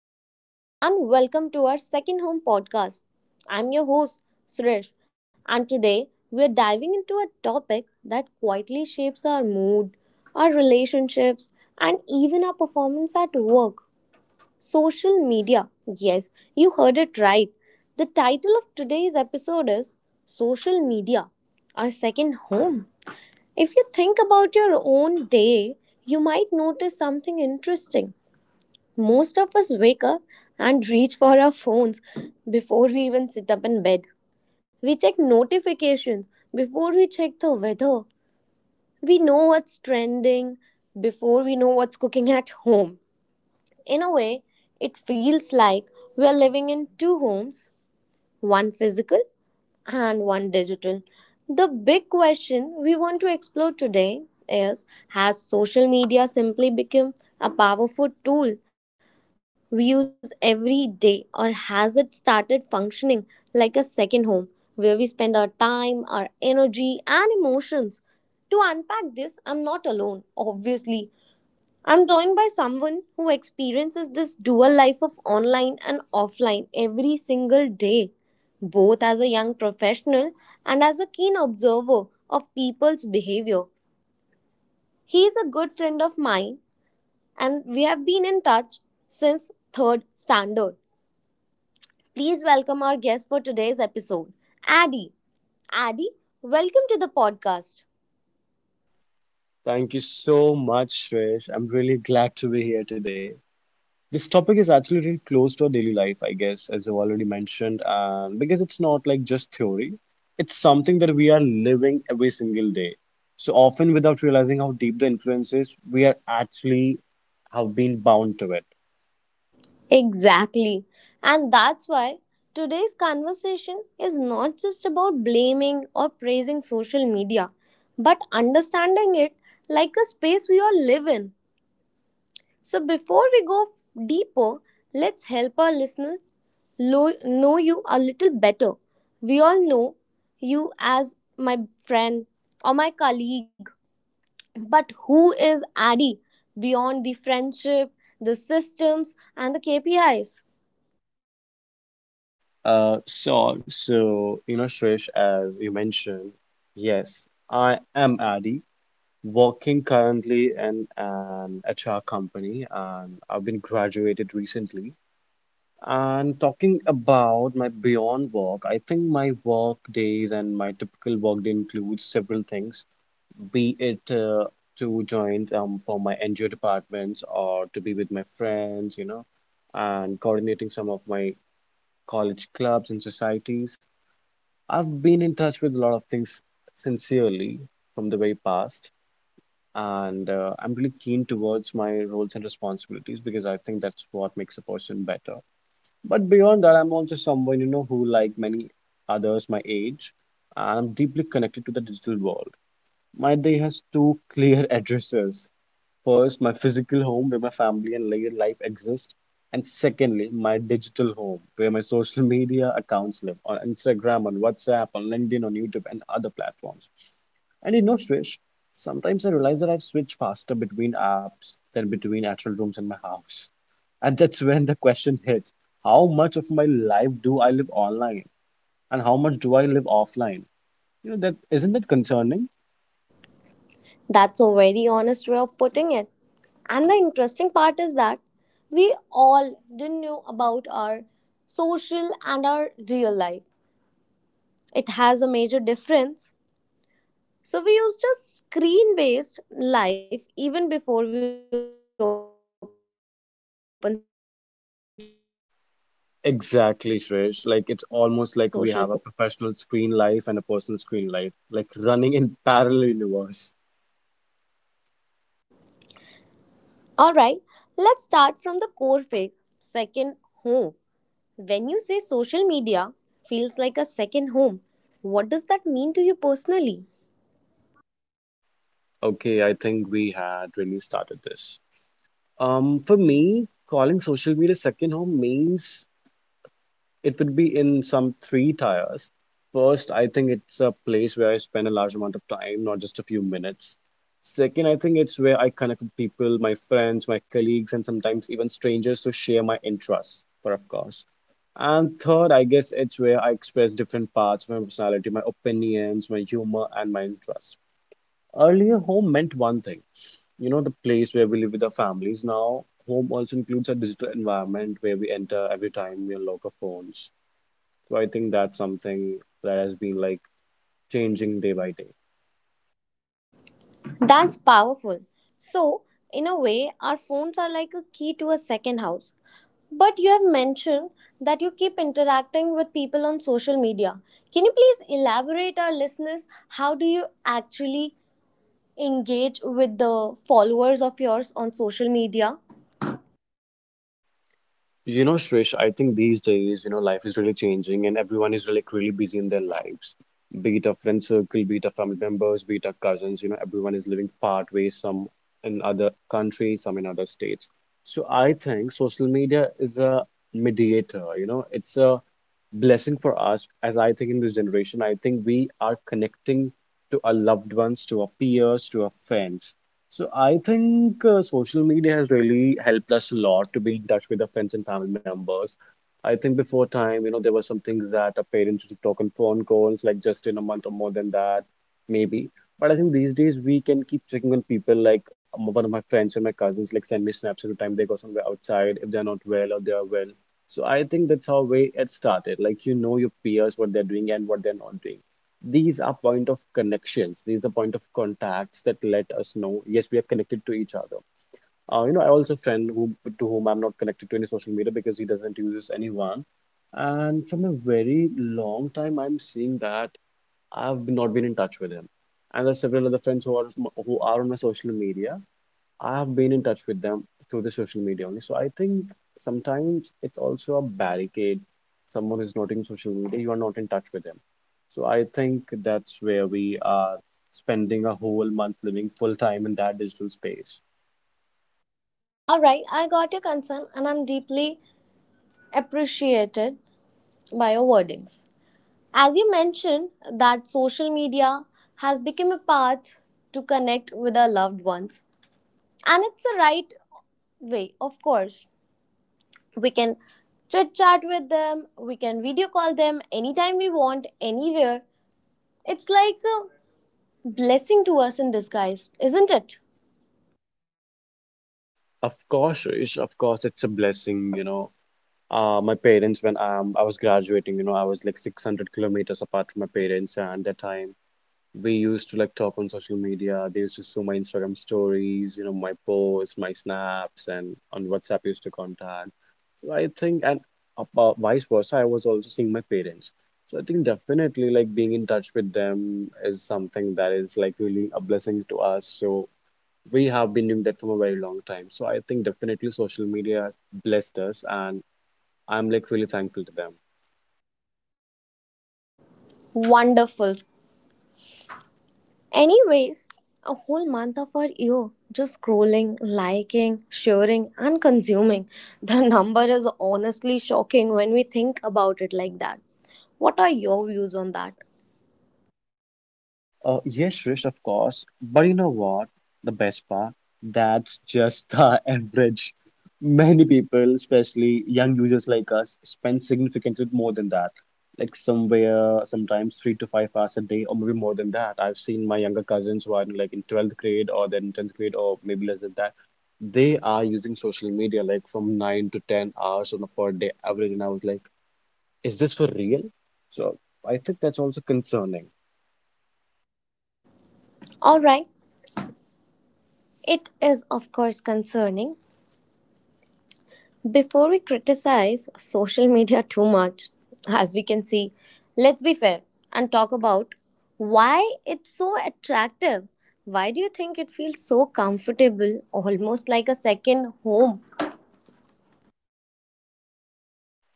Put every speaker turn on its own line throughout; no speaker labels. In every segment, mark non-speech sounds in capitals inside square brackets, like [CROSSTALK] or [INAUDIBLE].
everyone, and welcome to our second home podcast. I'm your host, Suresh, and today we're diving into a topic that quietly shapes our mood, our relationships, and even our performance at work social media. Yes, you heard it right. The title of today's episode is Social Media, Our Second Home. If you think about your own day, you might notice something interesting most of us wake up and reach for our phones before we even sit up in bed. We check notifications before we check the weather. We know what's trending before we know what's cooking at home. In a way, it feels like we're living in two homes one physical and one digital. The big question we want to explore today is, has social media simply become a powerful tool we use every day, or has it started functioning like a second home where we spend our time, our energy, and emotions? To unpack this, I'm not alone, obviously. I'm joined by someone who experiences this dual life of online and offline every single day, both as a young professional and as a keen observer of people's behavior. He is a good friend of mine, and we have been in touch since third standard. Please welcome our guest for today's episode, Addy. Addy, welcome to the podcast.
Thank you so much, Shresh. I'm really glad to be here today. This topic is actually really close to our daily life, I guess, as you already mentioned, and because it's not like just theory, it's something that we are living every single day. So often without realizing how deep the influence is, we are actually have been bound to it.
Exactly. And that's why today's conversation is not just about blaming or praising social media, but understanding it like a space we all live in. So before we go deeper, let's help our listeners know you a little better. We all know you as my friend or my colleague. But who is Addy beyond the friendship, the systems, and the KPIs?
So you know, Shresh, as you mentioned, yes, I am Adi, working currently in an HR company and I've been graduated recently. And talking about my beyond work, I think my work days and my typical work day includes several things, be it to join for my NGO departments or to be with my friends, you know, and coordinating some of my college clubs and societies. I've been in touch with a lot of things sincerely from the very past and I'm really keen towards my roles and responsibilities because I think that's what makes a person better. But beyond that, I'm also someone, you know, who, like many others my age, I'm deeply connected to the digital world. My day has two [LAUGHS] clear addresses. First, my physical home where my family and life exist, and secondly, my digital home where my social media accounts live on Instagram, on WhatsApp, on LinkedIn, on YouTube, and other platforms. I did not switch. Sometimes I realize that I've switched faster between apps than between actual rooms in my house. And that's [LAUGHS] when the question hits, how much of my life do I live online and how much do I live offline? You know, that isn't that concerning?
That's a very honest way of putting it. And the interesting part is that we all didn't know about our social and our real life. It has a major difference. So we use just screen based life even before we open social media.
Exactly, Shresh. Like it's almost like we have a professional screen life and a personal screen life, like running in [LAUGHS] parallel universe.
Alright, let's start from the core phase. Second, home. When you say social media feels like a second home, what does that mean to you personally?
Okay, I think we had really started this. For me, calling social media second home means it would be in some three tiers. First, I think it's a place where I spend a large amount of time, not just a few minutes. Second, I think it's where I connect with people, my friends, my colleagues, and sometimes even strangers to share my interests, for of course. And third, I guess it's where I express different parts of my personality, my opinions, my humor, and my interests. Earlier, home meant one thing, you know, the place where we live with our families. Now, home also includes a digital environment where we enter every time we unlock our phones. So I think that's something that has been like changing day by day.
That's powerful. So, in a way, our phones are like a key to a second house. But you have mentioned that you keep interacting with people on social media. Can you please elaborate our listeners how do you actually engage with the followers of yours on social media?
You know, Shrish, I think these days, you know, life is really changing and everyone is really busy in their lives. Be it a friend circle, be it a family members, be it a cousins, you know, everyone is living part ways, some in other countries, some in other states. So I think social media is a mediator, you know, it's a blessing for us. As I think in this generation, I think we are connecting to our loved ones, to our peers, to our friends. So I think social media has really helped us a lot to be in touch with our friends and family members. I think before time, you know, there were some things that our parents used to talk on phone calls, like just in a month or more than that, maybe. But I think these days we can keep checking on people. Like one of my friends and my cousins, like send me snaps every time they go somewhere outside if they're not well or they are well. So I think that's how way it started. Like you know your peers, what they're doing and what they're not doing. These are point of connections, these are point of contacts that let us know, yes, we are connected to each other. You know, I also friend who to whom I'm not connected to any social media because he doesn't use anyone, and from a very long time I'm seeing that I've not been in touch with him. And there's several other friends who are, who are on my social media. I've been in touch with them through the social media only. So I think sometimes it's also a barricade. Someone is not in social media, you are not in touch with them. So I think that's where we are spending a whole month living full time in that digital space.
All right, I got your concern and I'm deeply appreciated by your wordings. As you mentioned, that social media has become a path to connect with our loved ones. And it's the right way, of course. We can chit chat with them, we can video call them anytime we want, anywhere. It's like a blessing to us in disguise, isn't it?
Of course, Rish, of course, it's a blessing, you know. My parents, when I was graduating, you know, I was like 600 kilometers apart from my parents, and at that time, we used to like talk on social media. They used to see my Instagram stories, you know, my posts, my snaps, and on WhatsApp used to contact. So I think, and about vice versa, I was also seeing my parents. So I think definitely like being in touch with them is something that is like really a blessing to us. So we have been doing that for a very long time. So I think definitely social media has blessed us, and I'm like really thankful to them.
Wonderful. Anyways, a whole month of our year just scrolling, liking, sharing, and consuming. The number is honestly shocking when we think about it like that. What are your views on that?
Yes, Rish, of course. But you know what? The best part, that's just the [LAUGHS] average. Many people, especially young users like us, spend significantly more than that. Like somewhere, sometimes 3 to 5 hours a day, or maybe more than that. I've seen my younger cousins who are in, like in 12th grade or then 10th grade or maybe less than that. They are using social media like from nine to 10 hours on a per day average. And I was like, is this for real? So I think that's also concerning.
Alright, it is of course concerning. Before we criticize social media too much, as we can see, let's be fair and talk about why it's so attractive. Why do you think it feels so comfortable, almost like a second home?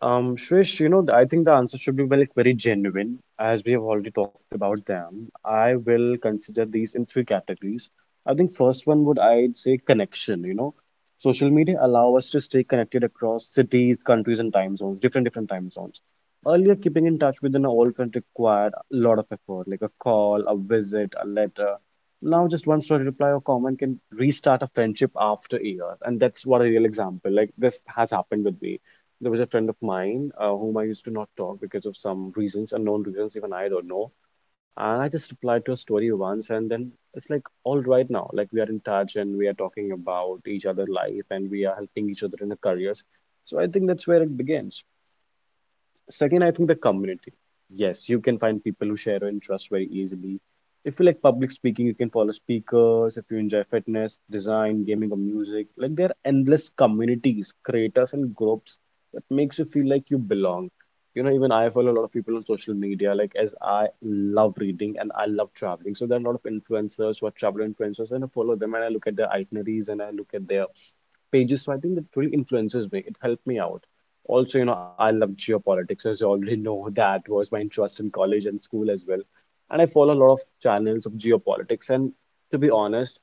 Shreesh, you know, I think the answer should be well, like very genuine, as we have already talked about them. I will consider these in three categories. I think first one would I'd say connection, you know. Social media allow us to stay connected across cities, countries, and time zones, different time zones. Earlier, keeping in touch with an old friend required a lot of effort, like a call, a visit, a letter. Now, just one story reply or comment can restart a friendship after years, and that's what a real example. Like this has happened with me. There was a friend of mine whom I used to not talk because of some reasons, unknown reasons, even I don't know. And I just replied to a story once, and then it's like all right now. Like we are in touch and we are talking about each other' life and we are helping each other in the careers. So I think that's where it begins. Second, I think the community. Yes, you can find people who share your interest very easily. If you like public speaking, you can follow speakers. If you enjoy fitness, design, gaming, or music, like there are endless communities, creators, and groups that makes you feel like you belong. You know, even I follow a lot of people on social media, like as I love reading and I love traveling. So there are a lot of influencers who are travel influencers, and I follow them and I look at their itineraries and I look at their pages. So I think that really influences me. It helped me out. Also, you know, I love geopolitics, as you already [LAUGHS] know. That was my interest in college and school as well. And I follow a lot of channels of geopolitics. And to be honest,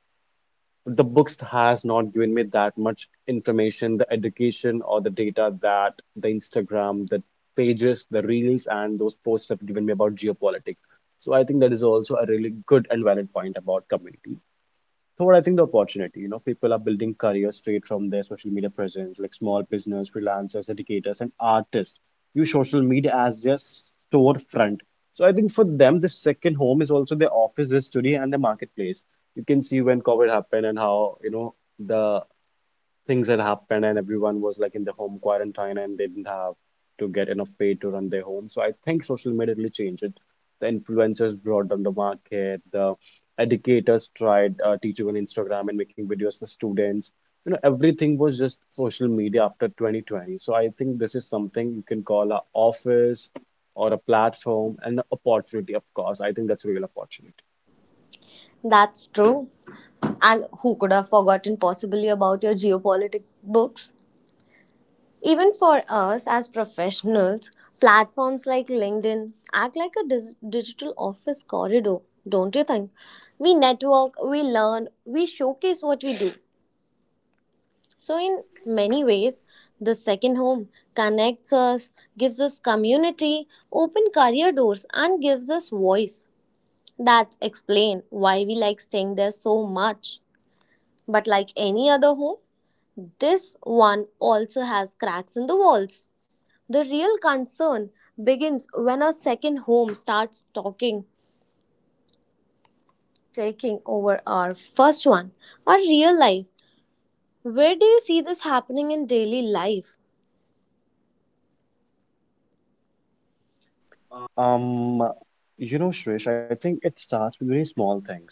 the books has not given me that much information, the education or the data that the Instagram, the pages, the reels, and those posts have given me about geopolitics. So I think that is also a really good and valid point about community. Third, I think the opportunity. You know, people are building careers straight from their social media presence, like small business, freelancers, educators, and artists. Use social media as their storefront. So I think for them, the second home is also their office, their studio, and the marketplace. You can see when COVID happened and how, you know, the things had happened and everyone was like in the home quarantine and they didn't have to get enough pay to run their home. So I think social media really changed it. The influencers brought down the market, the educators tried teaching on Instagram and making videos for students. You know, everything was just social media after 2020. So I think this is something you can call a office or a platform and an opportunity, of course. I think that's a real opportunity.
That's true. And who could have forgotten possibly about your geopolitics books? Even for us as professionals, platforms like LinkedIn act like a digital office corridor, don't you think? We network, we learn, we showcase what we do. So, in many ways, the second home connects us, gives us community, open career doors, and gives us voice. That explain why we like staying there so much. But like any other home, this one also has cracks in the walls. The real concern begins when our second home starts talking, taking over our first one, our real life. Where do you see this happening in daily life?
Um, you know, Shrish, I think it starts with very small things.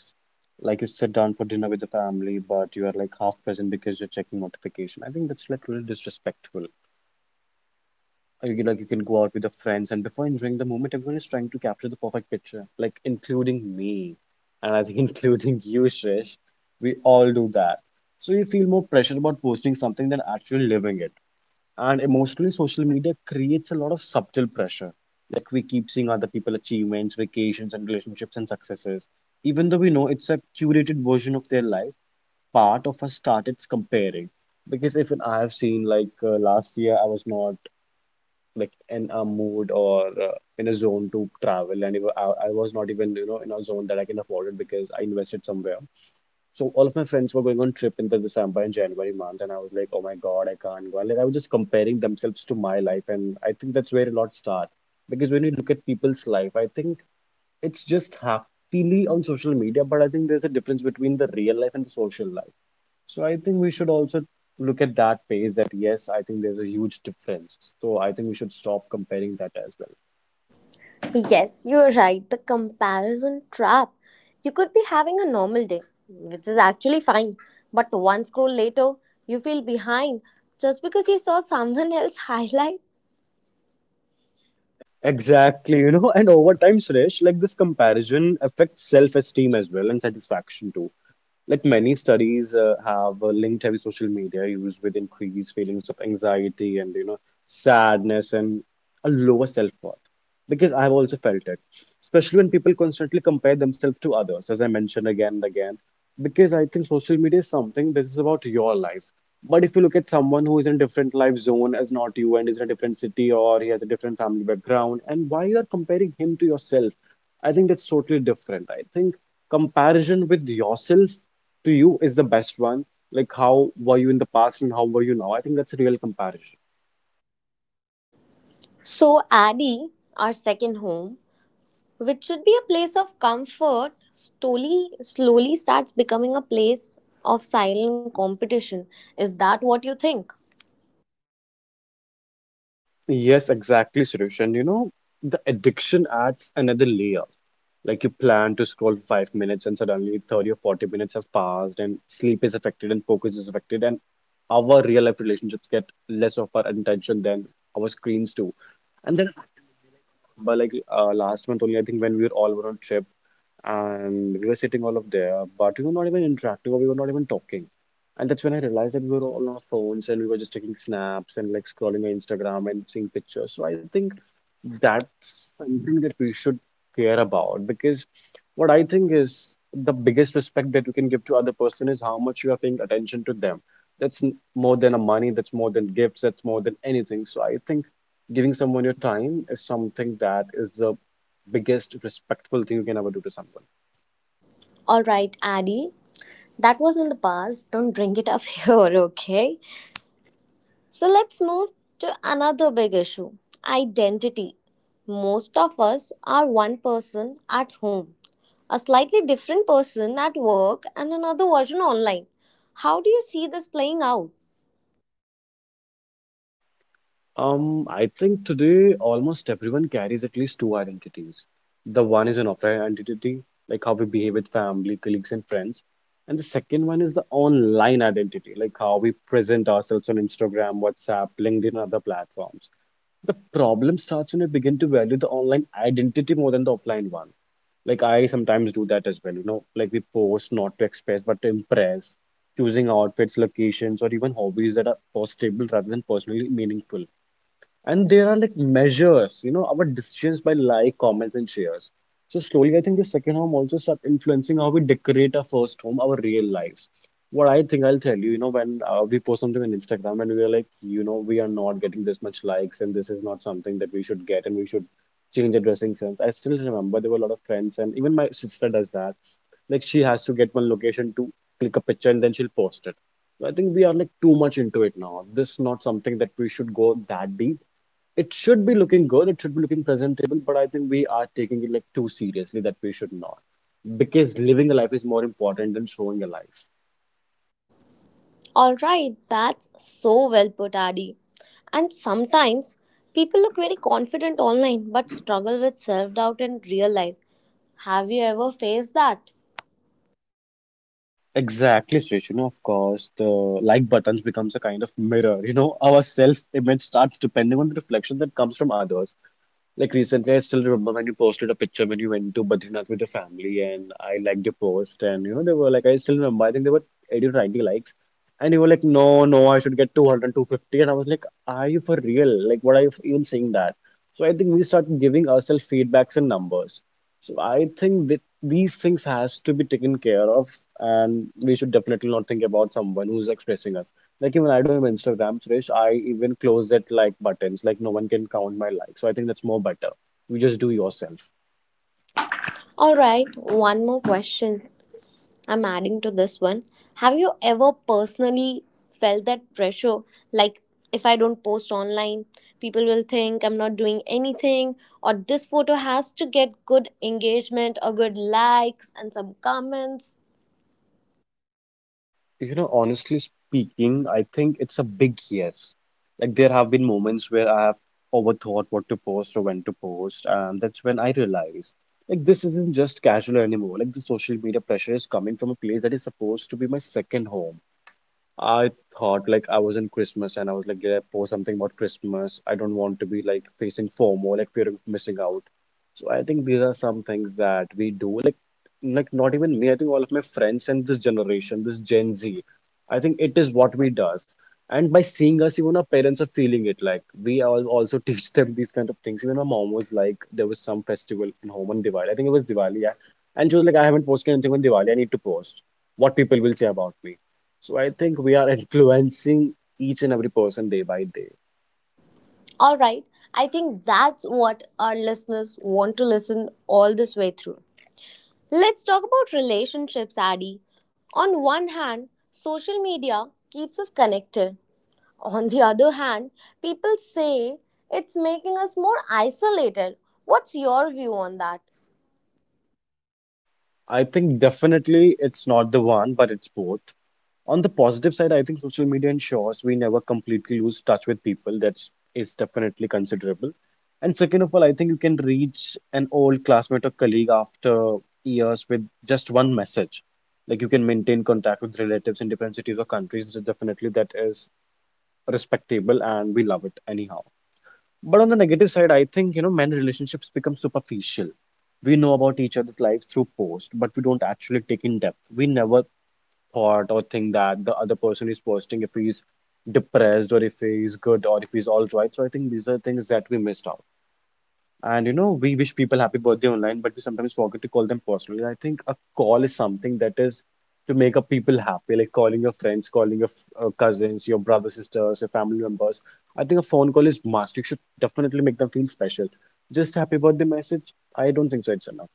Like you sit down for dinner with the family, but you are like half present because you're checking notification. I think that's like really disrespectful. Or you can go out with the friends, and before enjoying the moment, everyone is trying to capture the perfect picture, like including me, and I think [LAUGHS] including you, Shrish. We all do that. So you feel more pressure about posting something than actually living it. And emotionally, social media creates a lot of subtle pressure. Like we keep seeing other people achievements, vacations, and relationships and successes. Even though we know it's a curated version of their life, part of us started comparing. Because if I have seen last year, I was not like in a mood or in a zone to travel, and even I was not even you know in a zone that I can afford it because I invested somewhere. So all of my friends were going on trip in the December and January month, and I was like, oh my God, I can't go. And like I was just comparing themselves to my life, and I think that's where a lot start. Because when you look at people's life, I think it's just happily on social media, but I think there's a difference between the real life and the social life. So I think we should also look at that phase that yes, I think there's a huge difference. So I think we should stop comparing that as well.
Yes, you're right. The comparison trap. You could be having a normal day, which is actually fine, but one scroll later, you feel behind just because you saw someone [LAUGHS] else highlight.
Exactly, you know, [LAUGHS] and over time, Suresh, like this comparison affects self-esteem as well and satisfaction too. Like many studies have linked heavy social media use with increased feelings of anxiety and you know sadness and a lower self-worth. Because I've also felt it, especially when people constantly compare themselves to others, as I mentioned again and again. Because I think social media is something that is about your life. But if you look at someone who is in a different life zone as not you and is in a different city or he has a different family background, and why you are comparing him to yourself, I think that's totally different. I think comparison with yourself to you is the best one. Like how were you in the past and how were you now? I think that's a real comparison.
So, Addie, our second home, which should be a place of comfort, slowly, slowly starts becoming a place of silent competition. Is that what you think?
Yes, exactly, Suresh. You know, the addiction adds another layer. Like you plan to scroll for 5 minutes and suddenly 30 or 40 minutes have passed and sleep is affected and focus is affected and our real life relationships get less of our attention than our screens do. And then by like last month only, I think when we were all were on trip and we were sitting all up there, but we were not even interacting or we were not even talking. And that's when I realized that we were all on our phones and we were just taking snaps and like scrolling on Instagram and seeing pictures. So I think that's something that we should care about because what I think is the biggest respect that you can give to other person is how much you are paying attention to them. More than a money, that's more than gifts, that's more than anything. So I think giving someone your time is something that is the biggest respectful thing you can ever do to someone.
All right, Addie, that was in the past. Don't bring it up [LAUGHS] here, okay? So, let's move to another big issue identity. Most of us are one person at home, a slightly different person at work, and another version online. How do you see this playing out?
I think today almost everyone carries at least 2 identities. The one is an offline identity, like how we behave with family, colleagues, and friends. And the second one is the online identity, like how we present ourselves on Instagram, WhatsApp, LinkedIn, and other platforms. The problem starts when we begin to value the online identity more than the offline one. Like I sometimes do that as well, you know, like we post not to express but to impress, choosing outfits, locations, or even hobbies that are postable rather than personally meaningful. And there are like measures, you know, our decisions by like, comments, and shares. So slowly, I think the second home also start influencing how we decorate our first home, our real lives. What I think I'll tell you, you know, when we post something on Instagram and we are like, you know, we are not getting this much likes and this is not something that we should get and we should change the dressing sense. I still remember there were a lot of friends and even my sister does that. Like she has to get one location to click a picture and then she'll post it. So I think we are like too much into it now. This is not something that we should go that deep. It should be looking good, it should be looking presentable, but I think we are taking it like too seriously that we should not. Because living a life is more important than showing a life.
All right, that's so well put, Adi. And sometimes people look very confident online but struggle with self doubt in real life. Have you ever faced that?
Exactly, Suresh. You know, of course, the like buttons becomes a kind of mirror. You know, our self-image starts depending on the reflection that comes from others. Like recently, I still remember when you posted a picture when you went to Badrinath with your family, and I liked your post. And you know, they were like, I still remember, I think they were 80 to 90 likes. And you were like, no, no, I should get 200, 250. And I was like, are you for real? Like, what are you even saying that? So I think we start giving ourselves feedbacks and numbers. So I think that these things has to be taken care of, and we should definitely not think about someone who's expressing us. Like even I don't have Instagram, Suresh. I even close it like buttons. Like no one can count my likes. So I think that's more better. You just do yourself.
All right, one more question I'm adding to this one. Have you ever personally felt that pressure? Like, if I don't post online, people will think I'm not doing anything, or this photo has to get good engagement or good likes and some comments.
You know, honestly speaking, I think it's a big yes. Like there have been moments where I have overthought what to post or when to post, and that's when I realized like this isn't just casual anymore. Like the social media pressure is coming from a place that is supposed to be my second home. I thought like I was in Christmas and I was like, yeah, post something about Christmas. I don't want to be like facing FOMO, like fear of missing out. So I think these are some things that we do. Like not even me, I think all of my friends and this generation, this Gen Z, I think it is what we does. And by seeing us, even our parents are feeling it. Like we all also [LAUGHS] teach them these kind of things. Even my mom was like, there was some festival in home on Diwali. I think it was Diwali, yeah. And she was like, I haven't posted anything on Diwali. I need to post. What people will say about me, so I think we are [LAUGHS] influencing each and every person day by day.
All right, I think that's what our listeners want to listen all this way through. Let's talk about relationships, Adi. On one hand, social media keeps us connected. On the other hand, people say it's making us more isolated. What's your view on that?
I think definitely it's not the one, but it's both. On the positive side, I think social media ensures we never completely lose touch with people. That's definitely considerable. And second of all, I think you can reach an old classmate or colleague after years with just one message. Like you can maintain contact with relatives in different cities or countries. Definitely that is respectable and we love it anyhow. But on the negative side, I think, you know, many relationships become superficial. We know about each other's lives through posts, but we don't actually take in depth. We never thought or think that the other person is posting if he's depressed or if he's good or if he's all right. So I think these are things that we missed out. And you know, we wish people happy birthday online, but we sometimes forget to call them personally. I think a call is something that is to make up people happy, like calling your friends, calling your cousins, your brothers, sisters, your family members. I think a phone call is must. You should definitely make them feel special. Just happy birthday message, I don't think so it's enough.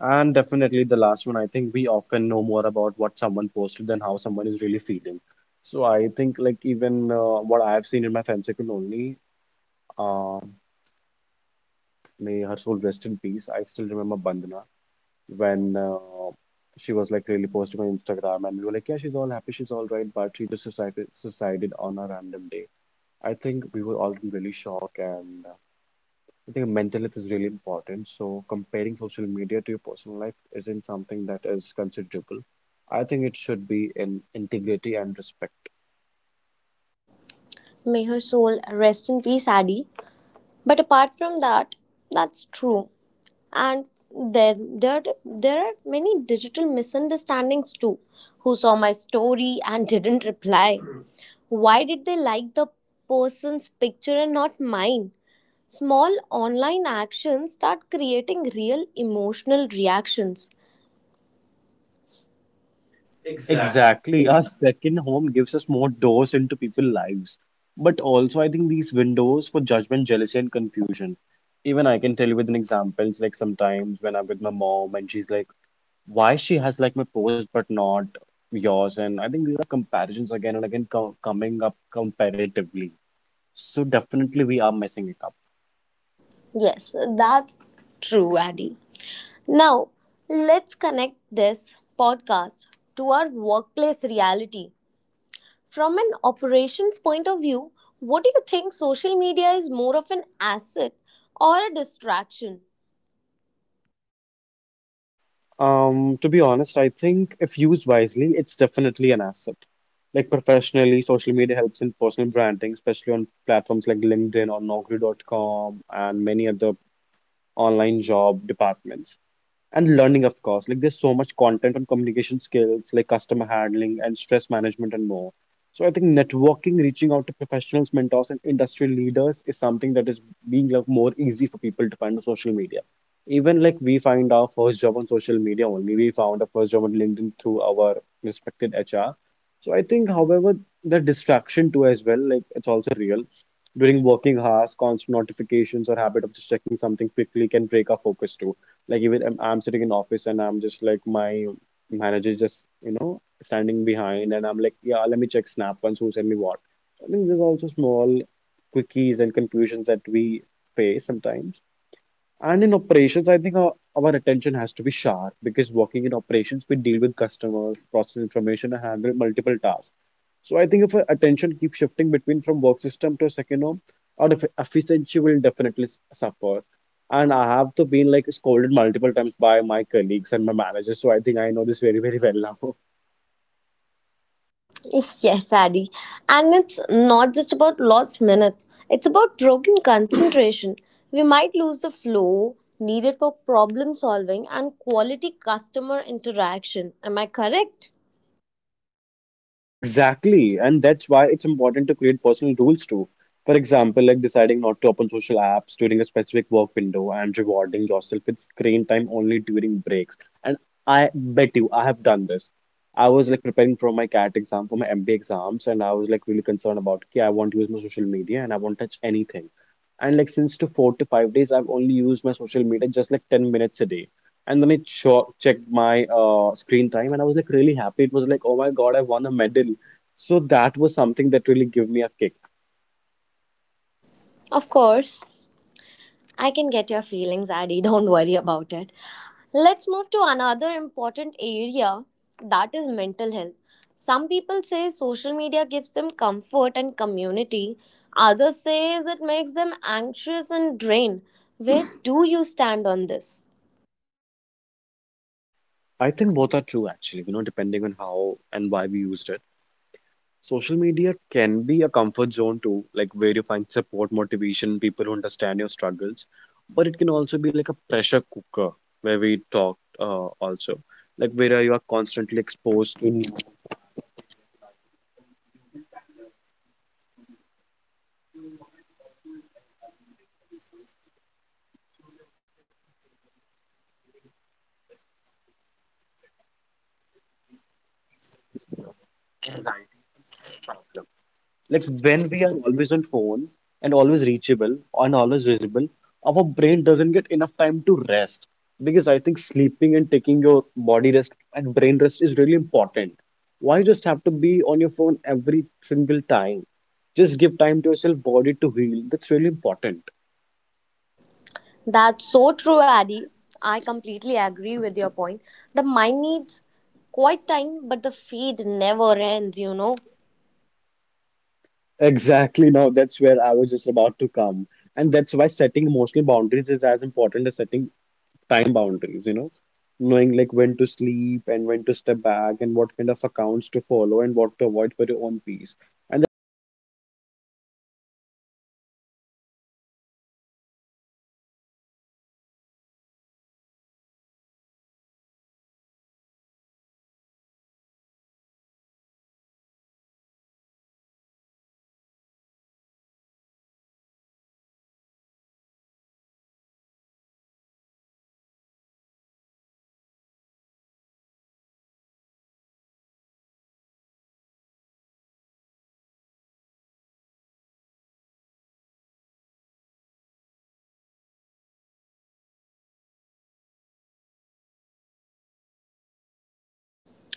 And definitely the last one, I think we often know more about what someone posted than how someone is really feeling. So I think like even what I have seen in my friend circle only, uh, may her soul rest in peace. I still remember Bandhana when she was like really posting on Instagram, and we were like, yeah, she's all happy, she's all right, but she just suicided on a random day. I think we were all in really shock, and I think mental health is really important. So comparing social media to your personal life isn't something that is considerable. I think it should be in integrity and respect.
May her soul rest in peace, Adi. But apart from that, that's true. And there are many digital misunderstandings too. Who saw my story and didn't reply, why did they like the person's picture and not mine? Small online actions start creating real emotional reactions.
Exactly. Our second home gives us more doors into people's lives. But also, I think these windows for judgment, jealousy, and confusion. Even I can tell you with an example, it's like sometimes when I'm with my mom and she's like, why she has like my post but not yours. And I think these are comparisons again and again co coming up comparatively. So definitely we are messing it up.
Yes, that's true, Addy. Now let's connect this podcast to our workplace reality. From an operations point of view, what do you think, social media is more of an asset or a distraction?
To be honest, I think if used wisely, it's definitely an asset. Like professionally, social media helps in personal branding, especially on platforms like LinkedIn or Naukri.com and many other online job departments, and learning of course, like there's so much content on communication skills like customer handling and stress management and more. So I think networking, reaching out to professionals, mentors and industry leaders is something that is being like more easy for people to find on social media. Even like we find our first job on social media only, we found our first job on LinkedIn through our respected HR. So I think however the distraction too as well, like it's also real. During working hours, constant notifications or habit of just checking something quickly can break our focus too. Like even I'm sitting in office and I'm just like my manager is just you know standing behind and I'm like, yeah, let me check Snap once who sent me what. I think there's also small quickies and confusions that we face sometimes. And in operations, I think our attention has to be sharp because working in operations, we deal with customers, process information, and handle multiple tasks. So I think if our attention keeps shifting between from work system to a second home, our efficiency will definitely suffer. And I have to been like scolded multiple times by my colleagues and my managers. So I think I know this very, very well now.
[LAUGHS] Yes, Addy, and it's not just about lost minutes, it's about broken concentration. We might lose the flow needed for problem solving and quality customer interaction. Am I correct?
Exactly, and that's why it's important to create personal rules too. For example, like deciding not to open social apps during a specific work window and rewarding yourself with screen time only during breaks. And I bet you I have done this. I was like preparing for my CAT exam, for my MBA exams, and I was like really concerned about, okay, I want to use my social media and I won't touch anything. And like since to 4 to 5 days, I've only used my social media just like 10 minutes a day. And then it checked my screen time and I was like really happy. It was like, oh my God, I won a medal. So that was something that really gave me a kick.
Of course. I can get your feelings, Addy. [LAUGHS] Don't worry about it. Let's move to another important area that is mental health. Some people say social media gives them comfort and community. Others says it makes them anxious and drained. Where [LAUGHS] do you stand on this?
I think both are true actually, you know, depending on how and why we used it. Social media can be a comfort zone too, like where you find support, motivation, people who understand your struggles. But it can also be like a pressure cooker where we talked also, like where you are constantly exposed to new
That's so true, Addy. I completely agree with your point. The mind needs quite time, but the feed never ends, you know.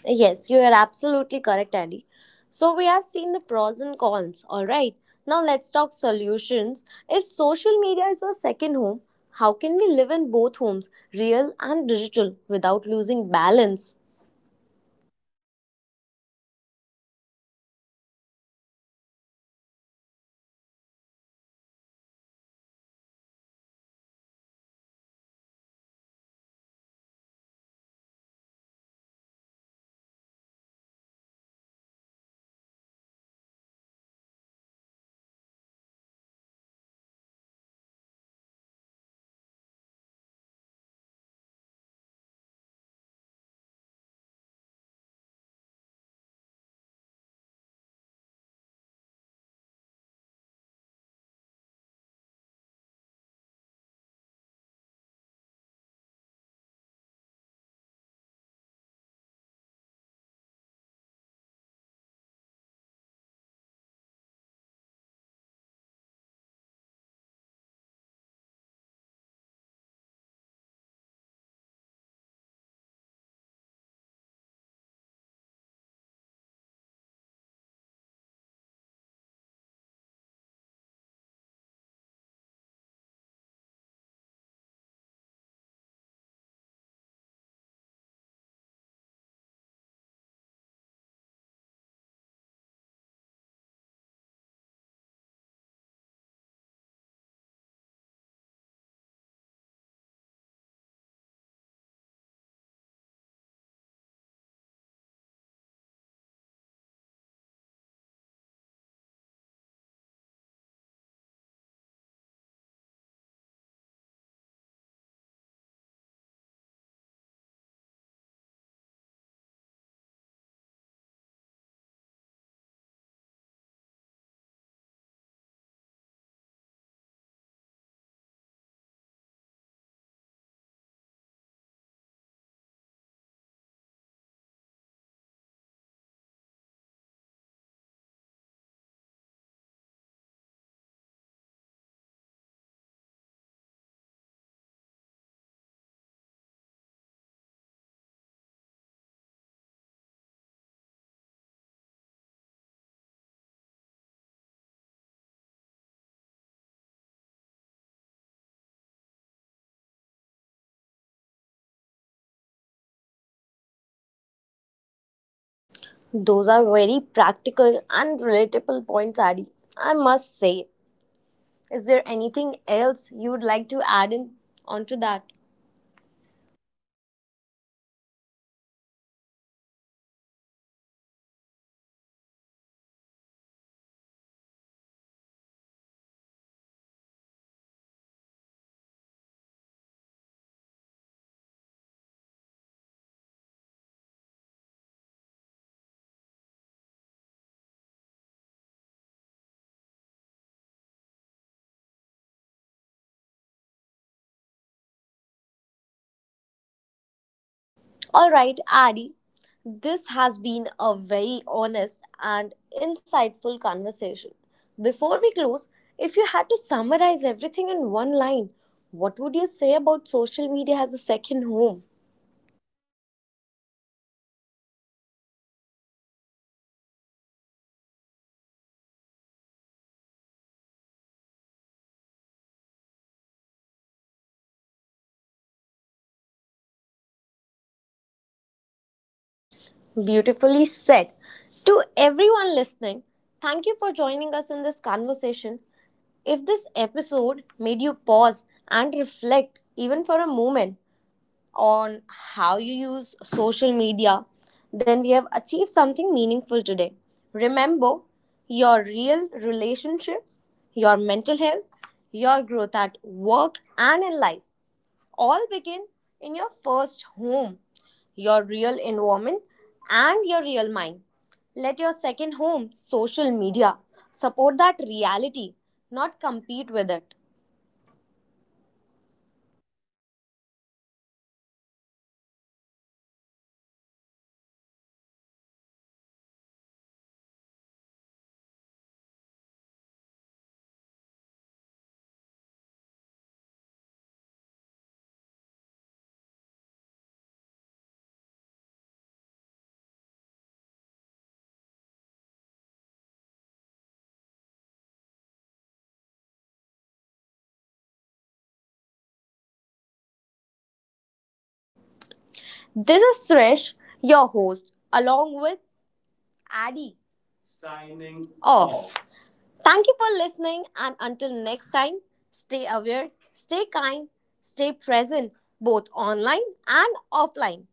Yes, you are absolutely correct, Ali. So we have seen the pros and cons, all right. Now let's talk solutions. If social media is our second home, how can we live in both homes, real and digital, without losing balance? Those are very practical and relatable points, Adi. I must say. Is there anything else you would like to add in onto that? All right, Adi, this has been a very honest and insightful conversation. Before we close, if you had to summarize everything in one line, what would you say about social media as a second home? Beautifully said. To everyone listening, thank you for joining us in this conversation. If this episode made you pause and reflect even for a moment, on how you use social media, then we have achieved something meaningful today. Remember, your real relationships, your mental health, your growth at work and in life all begin in your first home, your real environment, and your real mind. Let your second home, social media, support that reality, not compete with it. This is Suresh, your host, along with Addy. Off. Thank you for listening, and until next time, stay aware, stay kind, stay present, both online and offline.